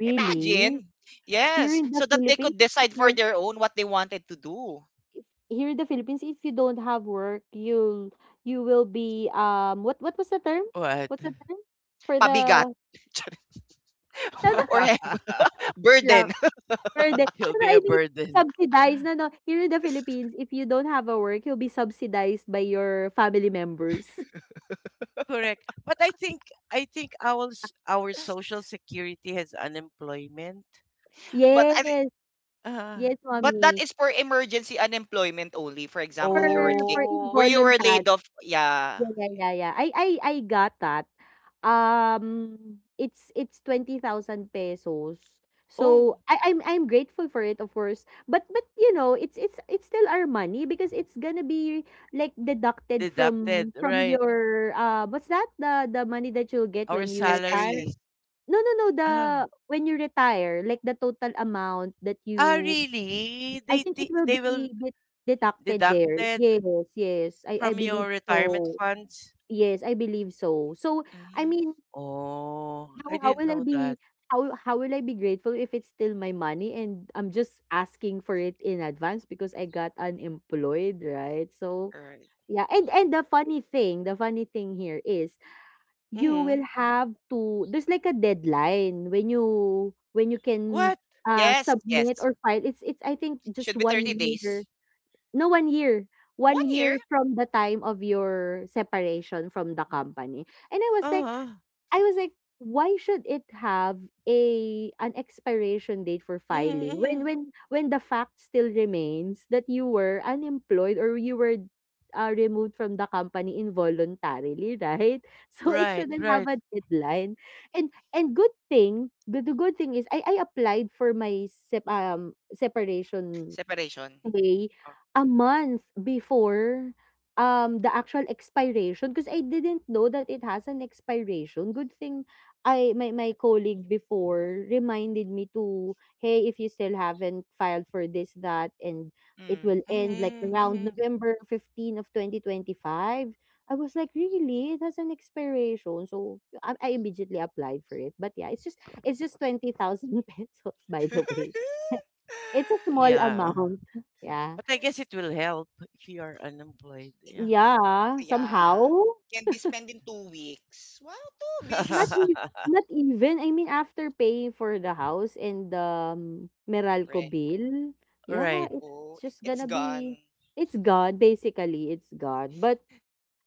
Really?
Imagine,
Here
yes,
in the
so that they
Philippines,
could
if
decide
you
for
don't
their own what they wanted to do.
if, here in the Philippines, if you don't have work, you will be what was the term?
What?
What's the term? For
Pabigat.
the, no,
or heavy
no.
burden.
Burden. No,
You'll
no,
be a
I mean,
burden.
subsidized, no, no. Here in the Philippines, if you don't have a work, you'll be subsidized by your family members.
Correct. But I think our s- our social security has unemployment.
But
Yes,
Ah.
yes,
but that
mommy.
is for emergency unemployment only. For
For
example, you were
Oh.
where you were
involuntary,
laid off, yeah,
yeah, yeah, yeah, yeah. I got that. It's 20,000 pesos.
Oh,
So I'm grateful for it, of course. But you know, it's it's still our money because it's gonna be like deducted
deducted,
from
right.
your what's that? The money that you'll get
Our
when you
S S
retire.
salary.
S.
No, no, no, the
Ah.
when you retire, like, the total amount that
Ah,
you,
really?
I
They
think it
ti-
will
they will
be deducted there.
deducted
Yes, yes. I
from your
believe
retirement
so.
funds?
Yes, I believe so. So, I
Mhm.
mean,
Oh, I
how
didn't
will I
know
be
that.
how will I be grateful if it's still my money and I'm just asking for it in advance because I got unemployed, right? So,
All right.
yeah, and the funny thing here is, you
Mm-hmm.
will have to, there's like a deadline when you can
What?
Yes,
submit
yes.
or file. It's I think just
Should be 30
1 year.
days.
No, 1 year. One
One year?
year from the time of your separation from the company. And I was like,
Uh-huh.
I was like, why should it have a an expiration date for filing when
Mm-hmm.
the fact still remains that you were unemployed or you were, removed from the company involuntarily, right? So it
Right,
shouldn't have
right.
a deadline. And good thing, the good thing is I applied for my separation
Separation.
pay
Oh,
a month before the actual expiration because I didn't know that it has an expiration. Good thing I my my colleague before reminded me to, hey, if you still haven't filed for this, that, and it
mm.
will end like around
Mm-hmm.
November 15 of 2025. I was like, really? It has an expiration. So I immediately applied for it. But yeah, it's just 20,000 pesos, by the way. It's a small
Yeah.
amount. Yeah.
But I guess it will help if you are unemployed. Yeah.
Yeah, somehow.
Yeah. Can be spent in 2 weeks. Wow, 2
Not
weeks!
ev Not even, I mean, after paying for the house and the Meralco
Right.
bill, yeah,
Right.
it,
Oh,
it's just
it's
gonna be
gone.
it's God, basically, it's God. But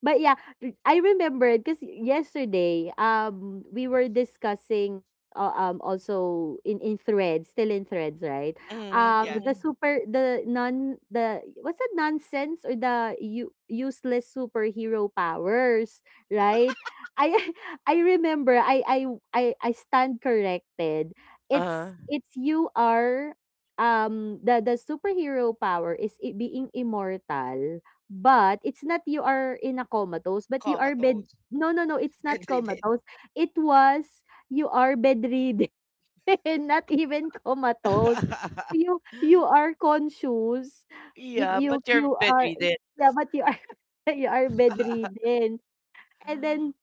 But yeah, I remembered because yesterday, we were discussing, also in threads, still in threads, right?
Yeah.
Mm-hmm.
The super, the non, the what's that nonsense or the useless superhero powers, right? I I remember, I stand corrected.
Uh.
It's you are, the superhero power is being immortal, but it's not you are in a comatose, but you are bed
Comatose.
no, no, no, it's not
Bedridden.
comatose. It was you are bedridden, not even comatose. You are conscious. You
Yeah,
you
but you're
you are
bedridden.
yeah, but you are you are bedridden. And then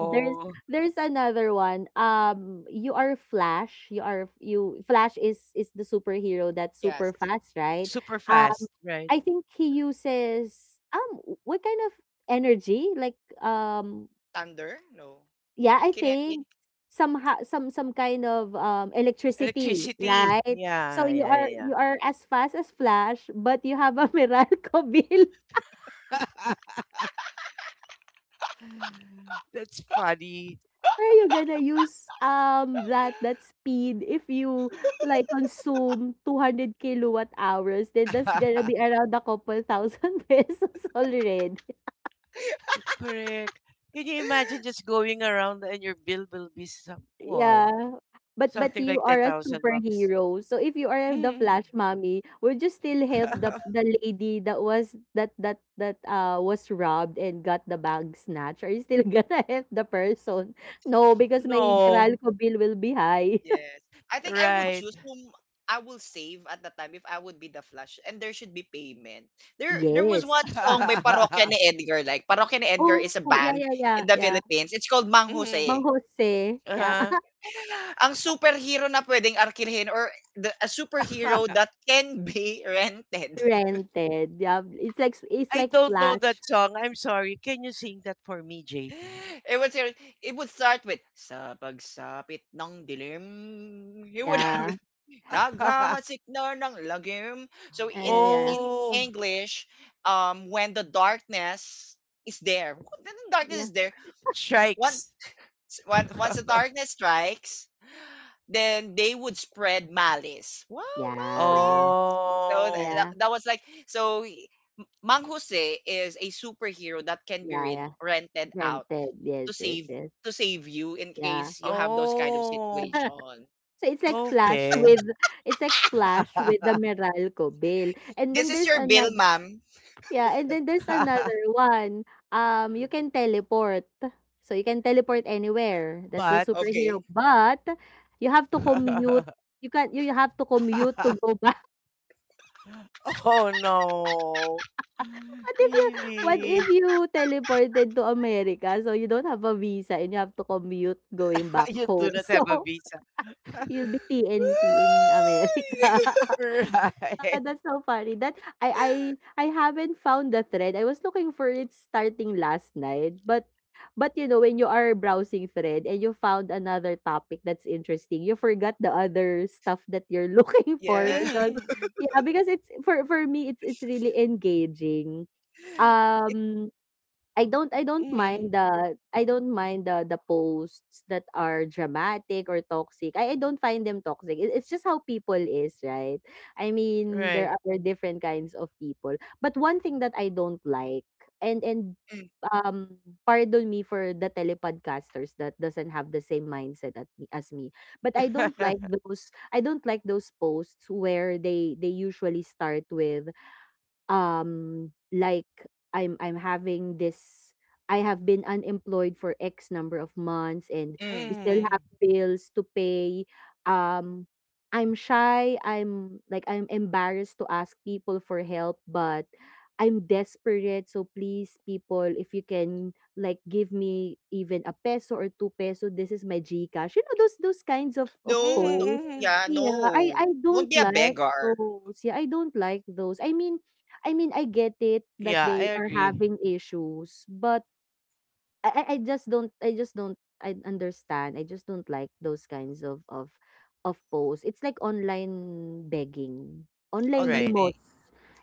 there's there's another one. You are Flash. You are you. Flash is the superhero that's super
Yes.
fast, right?
super
Um,
fast, right?
I think he uses what kind of energy? Like
Thunder? No.
yeah, I
Kinetic?
think somehow some kind of electricity,
Electricity.
right?
Yeah.
So
Yeah,
you
yeah,
are
yeah,
you are as fast as Flash, but you have a Meralco bill.
yeah. That's funny.
Where you gonna use, that speed if you, like, consume 200 kilowatt hours, then that's gonna be around a couple thousand pesos already.
Correct. Can you imagine just going around and your bill will be some wow,
Yeah. But
something
you
like
are
ten
a
thousand bucks?
superhero, so if you are the
Hmm.
Flash mommy, would you still help the lady that was that was robbed and got the bag snatched? Are you still gonna help the person? No, because my
No,
Meralco bill will be high.
Yes. I think I would choose
right.
whom I will save at the time if I would be the Flash. And there should be payment. There was
Yes.
one song by Parokya ni Edgar. Like, Parokya ni Edgar
Oh,
is a
yeah,
band
yeah, yeah,
in the
yeah.
Philippines. It's called Mang
Mhm,
Mang
Jose.
Jose, yeah.
uh-huh.
Ang superhero na pwedeng arkihin, or the a superhero that can be rented.
Rented, yeah. It's
I
like
don't know
Flash.
that song. I'm sorry. Can you sing that for me, JP?
It would ser it would start with, "Sa pagsapit ng dilim, he would have
Yeah.
naghahasik na ng lagim." So
Yeah,
in
yeah, yeah.
in
Oh,
English, when the darkness is there,
Yeah.
once
strikes.
once the darkness strikes, then they would spread malice. Wow,
Yeah.
malice. So
Oh,
that,
Yeah.
that was like, so Mang Jose is a superhero that can be
Yeah, yeah.
rented out
Rented.
to
Yes, yes, yes.
save you in
Yeah.
case you have those kind of
oh,
situation.
So it's like Flash
okay.
with it's like Flash with the Meralco bill. And
This
then
is
there's
your bill,
another
ma'am.
yeah, and then there's another one, you can teleport. So you can teleport anywhere, that's the
But,
Okay.
superhero, but you have to commute. You can you have to commute to go back.
oh no,
What if you what if
really?
you teleported to America, so you don't have a visa and you have to commute going back
You do
home?
not have a
So,
visa.
you'll be TNT in America.
Woo!
Ah,
Right.
that's so funny that I haven't found the thread. I was looking for it starting last night, but, you know, when you are browsing thread and you found another topic that's interesting, you forgot the other stuff that you're looking for
yeah.
because
Mhm.
yeah, because it's for me, it's really engaging. Um I don't mind
Mhm.
the I don't mind the posts that are dramatic or toxic. I don't find them toxic. It's just how people is, right? I mean, there
Right.
are different kinds of people. But one thing that I don't like and
Mm,
um pardon me for the telepodcasters that doesn't have the same mindset at me, as me, but I don't like those I don't like those posts where they usually start with like i'm having this I have been unemployed for x number of months and
mm.
we still have
Mhm.
bills to pay um I'm shy I'm like I'm embarrassed to ask people for help but I'm desperate so please people if you can like give me even a peso or two peso this is my gcash you know those kinds of
Mm.
No, no,
posts
Mhm.
yeah,
yeah i
no.
i
Don't
don't
be a
like
beggar.
those yeah I don't like those I mean I mean, I get it that
Yeah, I
they are
agree.
having issues, but I just don't I just don't I understand. I just don't like those kinds of posts. It's like online begging, online
Online
Right.
thing.
limos.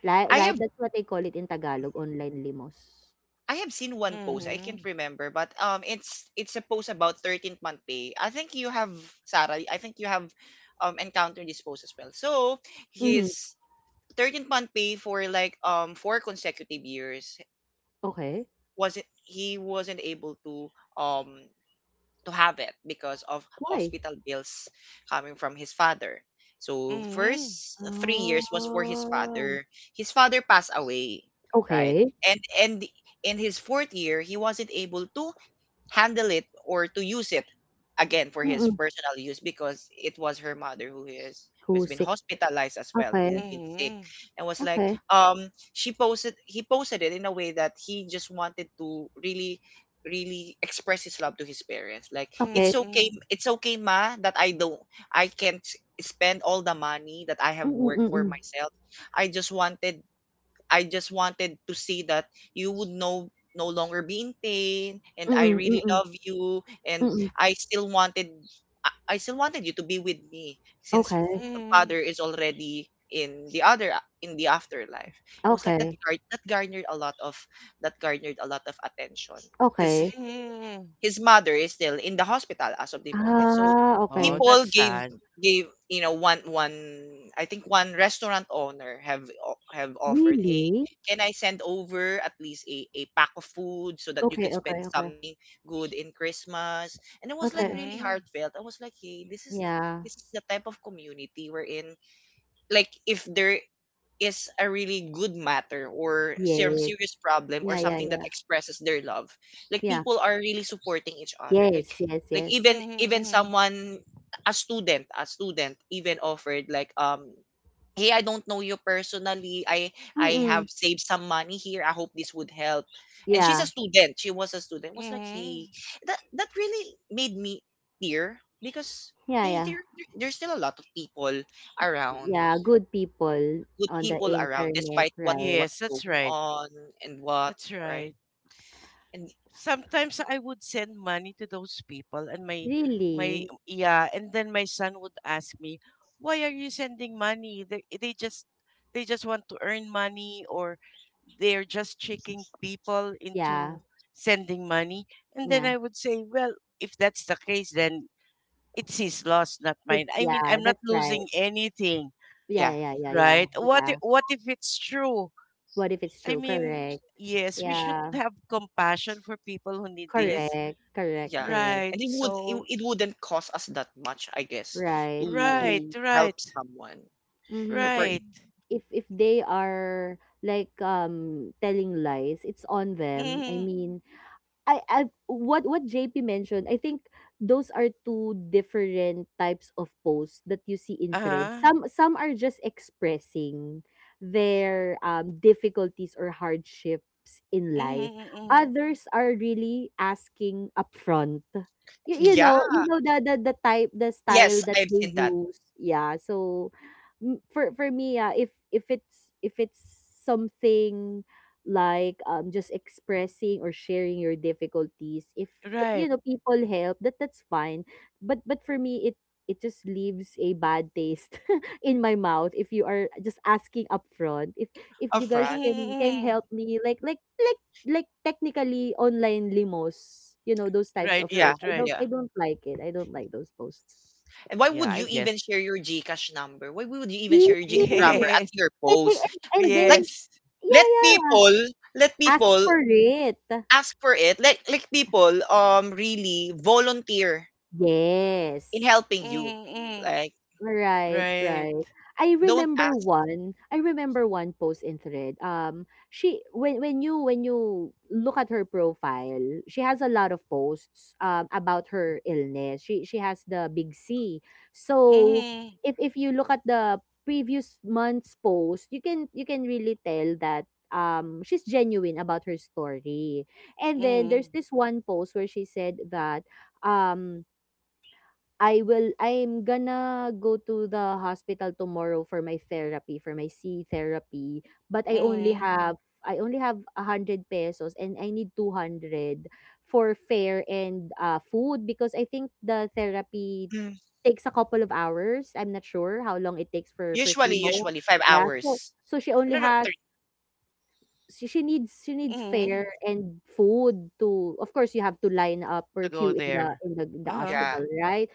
Like,
I
right?
have
That's what they call it in Tagalog, online limos.
I have seen one post. I can't
Mm.
remember, but it's a post about 13th month pay. I think you have Sarah. I think you have encountered this post as well. So
Hmm.
his 13th month pay for like 4 consecutive years,
Okay.
wasn't he wasn't able to have it because of
Why?
hospital bills coming from his father. So
Mhm.
first 3 years was for his
Ah,
father. His father passed away, right?
okay.
And in his fourth year, he wasn't able to handle it or to use it again for his
Mm-mm.
personal use, because it was her mother who's been
Kusik.
hospitalized as well,
Okay.
who's been sick,
Mhm.
and was like,
Okay.
um she posted he posted it in a way that he just wanted to really really express his love to his parents, like,
Okay.
it's okay,
Mhm.
it's okay, ma, that I don't, I can't spend all the money that I have worked for
Mm-mm-mm.
myself. i just wanted I just wanted to say that you would no longer be in pain, and I really
Mm-mm-mm.
love you, and
Mm-mm.
I still wanted I still wanted you to be with me since
Mhm.
Okay.
father
Mhm.
is already in the afterlife. It was like that
Okay.
guard that garnered a lot of attention, because
Okay.
Mhm.
his mother is still in the hospital as of the moment. So
Ah,
Oh,
okay.
people
that's sad.
gave, one, I think one restaurant owner have have offered, "Hey,
Really?
can I send over at least a pack of food so that you could
Okay,
spend
okay, okay.
something good in Christmas?" And it was like
Okay.
really
Mm.
heartfelt. I was like, "Hey,
Yeah.
this is the type of community we're in." Like, if there is a really good matter or some
Yes.
serious problem or
Yeah, yeah,
something that
yeah.
expresses their love, like,
Yeah.
people are really supporting each other, like
Yes, yes,
like
yes.
Mhm.
even
Mhm. Mm.
someone, a student even offered, like, "Hey, I don't know you personally, I have
Mm-mm.
saved some money here, I hope this would help." And she's a
Yeah.
student, was like, "Hey,
Mhm.
that really made me tear," because,
Yeah,
hey,
yeah.
there's still a lot of people around,
Yeah, good people
good
on the
people around,
internet,
despite
right?
what's
Yes, that's
going
right.
on, and what,
That's
right.
right.
And
Sometimes I would send money to those people and my
Really?
yeah, and then my son would ask me, "Why are you sending money? They just they just want to earn money or they're just tricking people
Yeah.
into sending money." And then
Yeah.
I would say, "Well, if that's the case, then it's his loss, not mine.
It's
I mean,
yeah,
I'm not
that's
losing
right.
anything,
yeah,
Yeah, yeah, yeah, yeah.
right? What
Yeah.
what if it's true?
What if it's
I
true?
mean,
Correct.
yes, we should
Yeah.
have compassion for people who need this
Correct. Correct.
yeah,
Correct.
Right.
and it would it,
So
it wouldn't cost us that much, I guess,
Right. Right.
to
right,
help
right,
someone. Or
Mm-hmm.
for,
And
right.
if they are like telling lies, it's on them. I
Mm-hmm.
mean, I what JP mentioned, I think those are two different types of posts that you see in threads.
Uh-huh.
Some are just expressing their difficulties or hardships in life.
Mm-hmm, mm-hmm.
Others are really asking upfront. You
yeah.
know, you know the, the type the
Yes,
style that
I've seen
they
that.
use. Yeah, so for me, yeah, if it's if it's something like just expressing or sharing your difficulties if you
Right.
know people help that that's fine but for me it it just leaves a bad taste in my mouth if you are just asking up front if
A
you guys
friend.
Mm-hmm,
can
mm-hmm.
help me like technically online limos, you know those types of
Right,
Yeah,
posts
right,
i
right.
don't
yeah.
i don't like it I don't like those posts
And why would
Yeah,
you
I
even
guess.
share your GCash number? Why would you even
yes
share your GCash number at
Yes,
your post?
and
Like,
then
yes.
let
yeah yeah
people let
ask
people
for it
ask for it. Let people really volunteer in
yes
helping you,
Mm-hmm.
like.
right,
Right.
right. I
Don't
remember
ask.
one. I remember one post in Thread. She when you look at her profile, she has a lot of posts about her illness. She has the big C. So
Mm-hmm.
if you look at the previous month's post, you can really tell that she's genuine about her story. And then there's
Mm-hmm.
this one post where she said that um I will I'm gonna go to the hospital tomorrow for my therapy, for my C therapy, but I only
Mm-hmm.
have I only have 100 pesos and I need 200 for fare and food because I think the therapy
Mm.
takes a couple of hours. I'm not sure how long it takes for chemo.
Usually five
Yeah, so
hours.
so she
No,
only
no, three.
has she needs she needs
Mm-hmm.
fare and food to of course you have to line up or
To go
queue in the
there.
in the in the
Uh-huh.
Yeah.
hospital, right?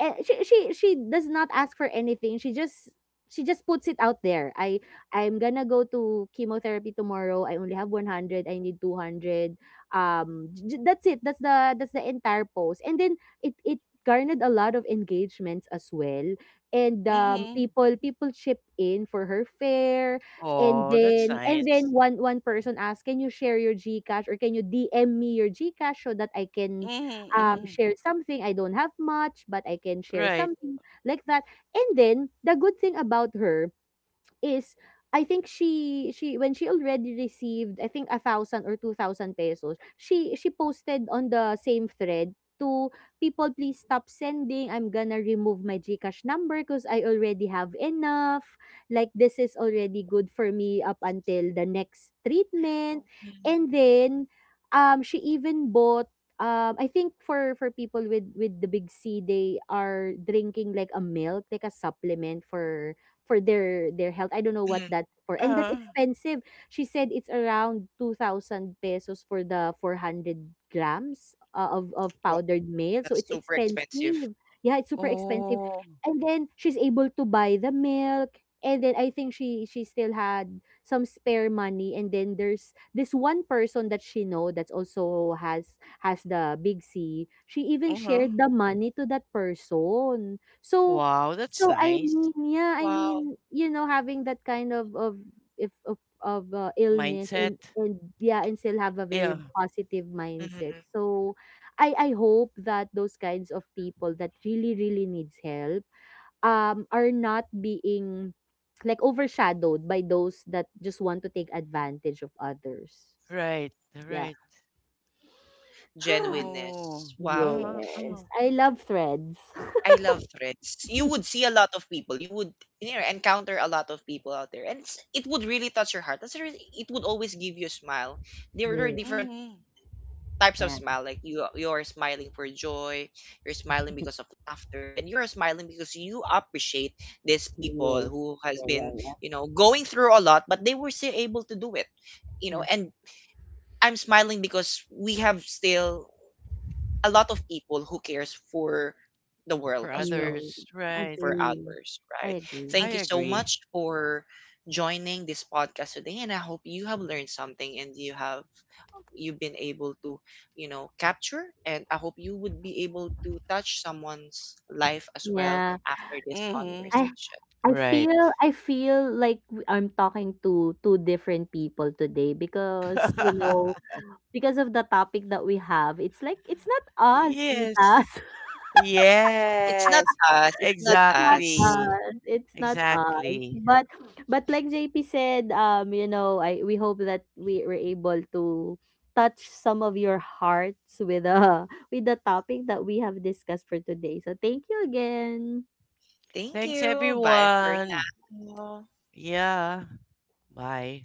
And she does not ask for anything. She just puts it out there. I I'm gonna go to chemotherapy tomorrow. I only have 100. I need 200. That's it. That's the entire post. And then it garnered a lot of engagements as well. And
Mm-hmm.
people people chip in for her fare.
Oh, that's
And
nice.
then one person asked, "Can you share your GCash or can you DM me your GCash so that I can
Mm-hmm. Mm-hmm.
share something, I don't have much, but I can share
Right.
something," like that. And then the good thing about her is I think she when she already received I think 1,000 or 2,000 pesos, she posted on the same thread to people please stop sending. I'm gonna remove my GCash number because I already have enough. Like this is already good for me up until the next
Oh,
treatment.
mm,
And then she even bought I think for people with the big C, they are drinking like a milk like a supplement for their health. I don't know
mm.
what that for. And that's
Uh-huh.
expensive. She said it's around 2,000 pesos for the 400 grams of
Wow,
powdered meal.
that's
So it's
super expensive.
expensive. Yeah, it's super expensive.
Oh.
And then she's able to buy the milk. And then I think she still had some spare money. And then there's this one person that she know that also has the big C. She even
Uh-huh.
shared the money to that person. So
Wow, that's
so, I
nice.
mean, yeah, I
Wow.
mean, you know, having that kind of if of of, illness
Mindset?
and yeah, and still have a very
Yeah.
positive
Mhm.
mindset. So, I hope that those kinds of people that really really needs help are not being like overshadowed by those that just want to take advantage of others.
Right.
Yeah.
Right.
Genuineness.
Oh.
Wow.
Uh-huh. Uh-huh.
Yes, I love threads.
I love threads. You would see a lot of people. You would, encounter a lot of people out there, and it would really touch your heart. That's the it would always give you a smile. There were
Yeah,
different
Hmm.
types of
yeah.
smile, like you're smiling for joy, you're smiling because of laughter, and you're smiling because you appreciate these people
Yes.
who has
Yeah,
been,
yeah, yeah.
going through a lot, but they were still able to do it,
Yeah.
and I'm smiling because we have still a lot of people who cares for the world
For
as well,
Yes,
others.
for
Right.
agree.
others, right?
I agree.
Thank you
I
so much
agree.
for joining this podcast today, and I hope you have learned something, and you've been able to, capture, and I hope you would be able to touch someone's life as well
Yeah.
after this
Hmm.
I
conversation.
I
Right.
feel I feel like I'm talking to two different people today because, you know, because of the topic that we have, it's like it's not us,
Yes.
titas.
It's not
Yes.
us, it's not
Not
us.
Exactly.
us. It's not us.
Exactly.
But like JP said, you know, I we hope that we were able to touch some of your hearts with with the topic that we have discussed for today. So thank you again.
Thank
Thanks,
you. Bye for
everyone.
now.
Yeah. Bye.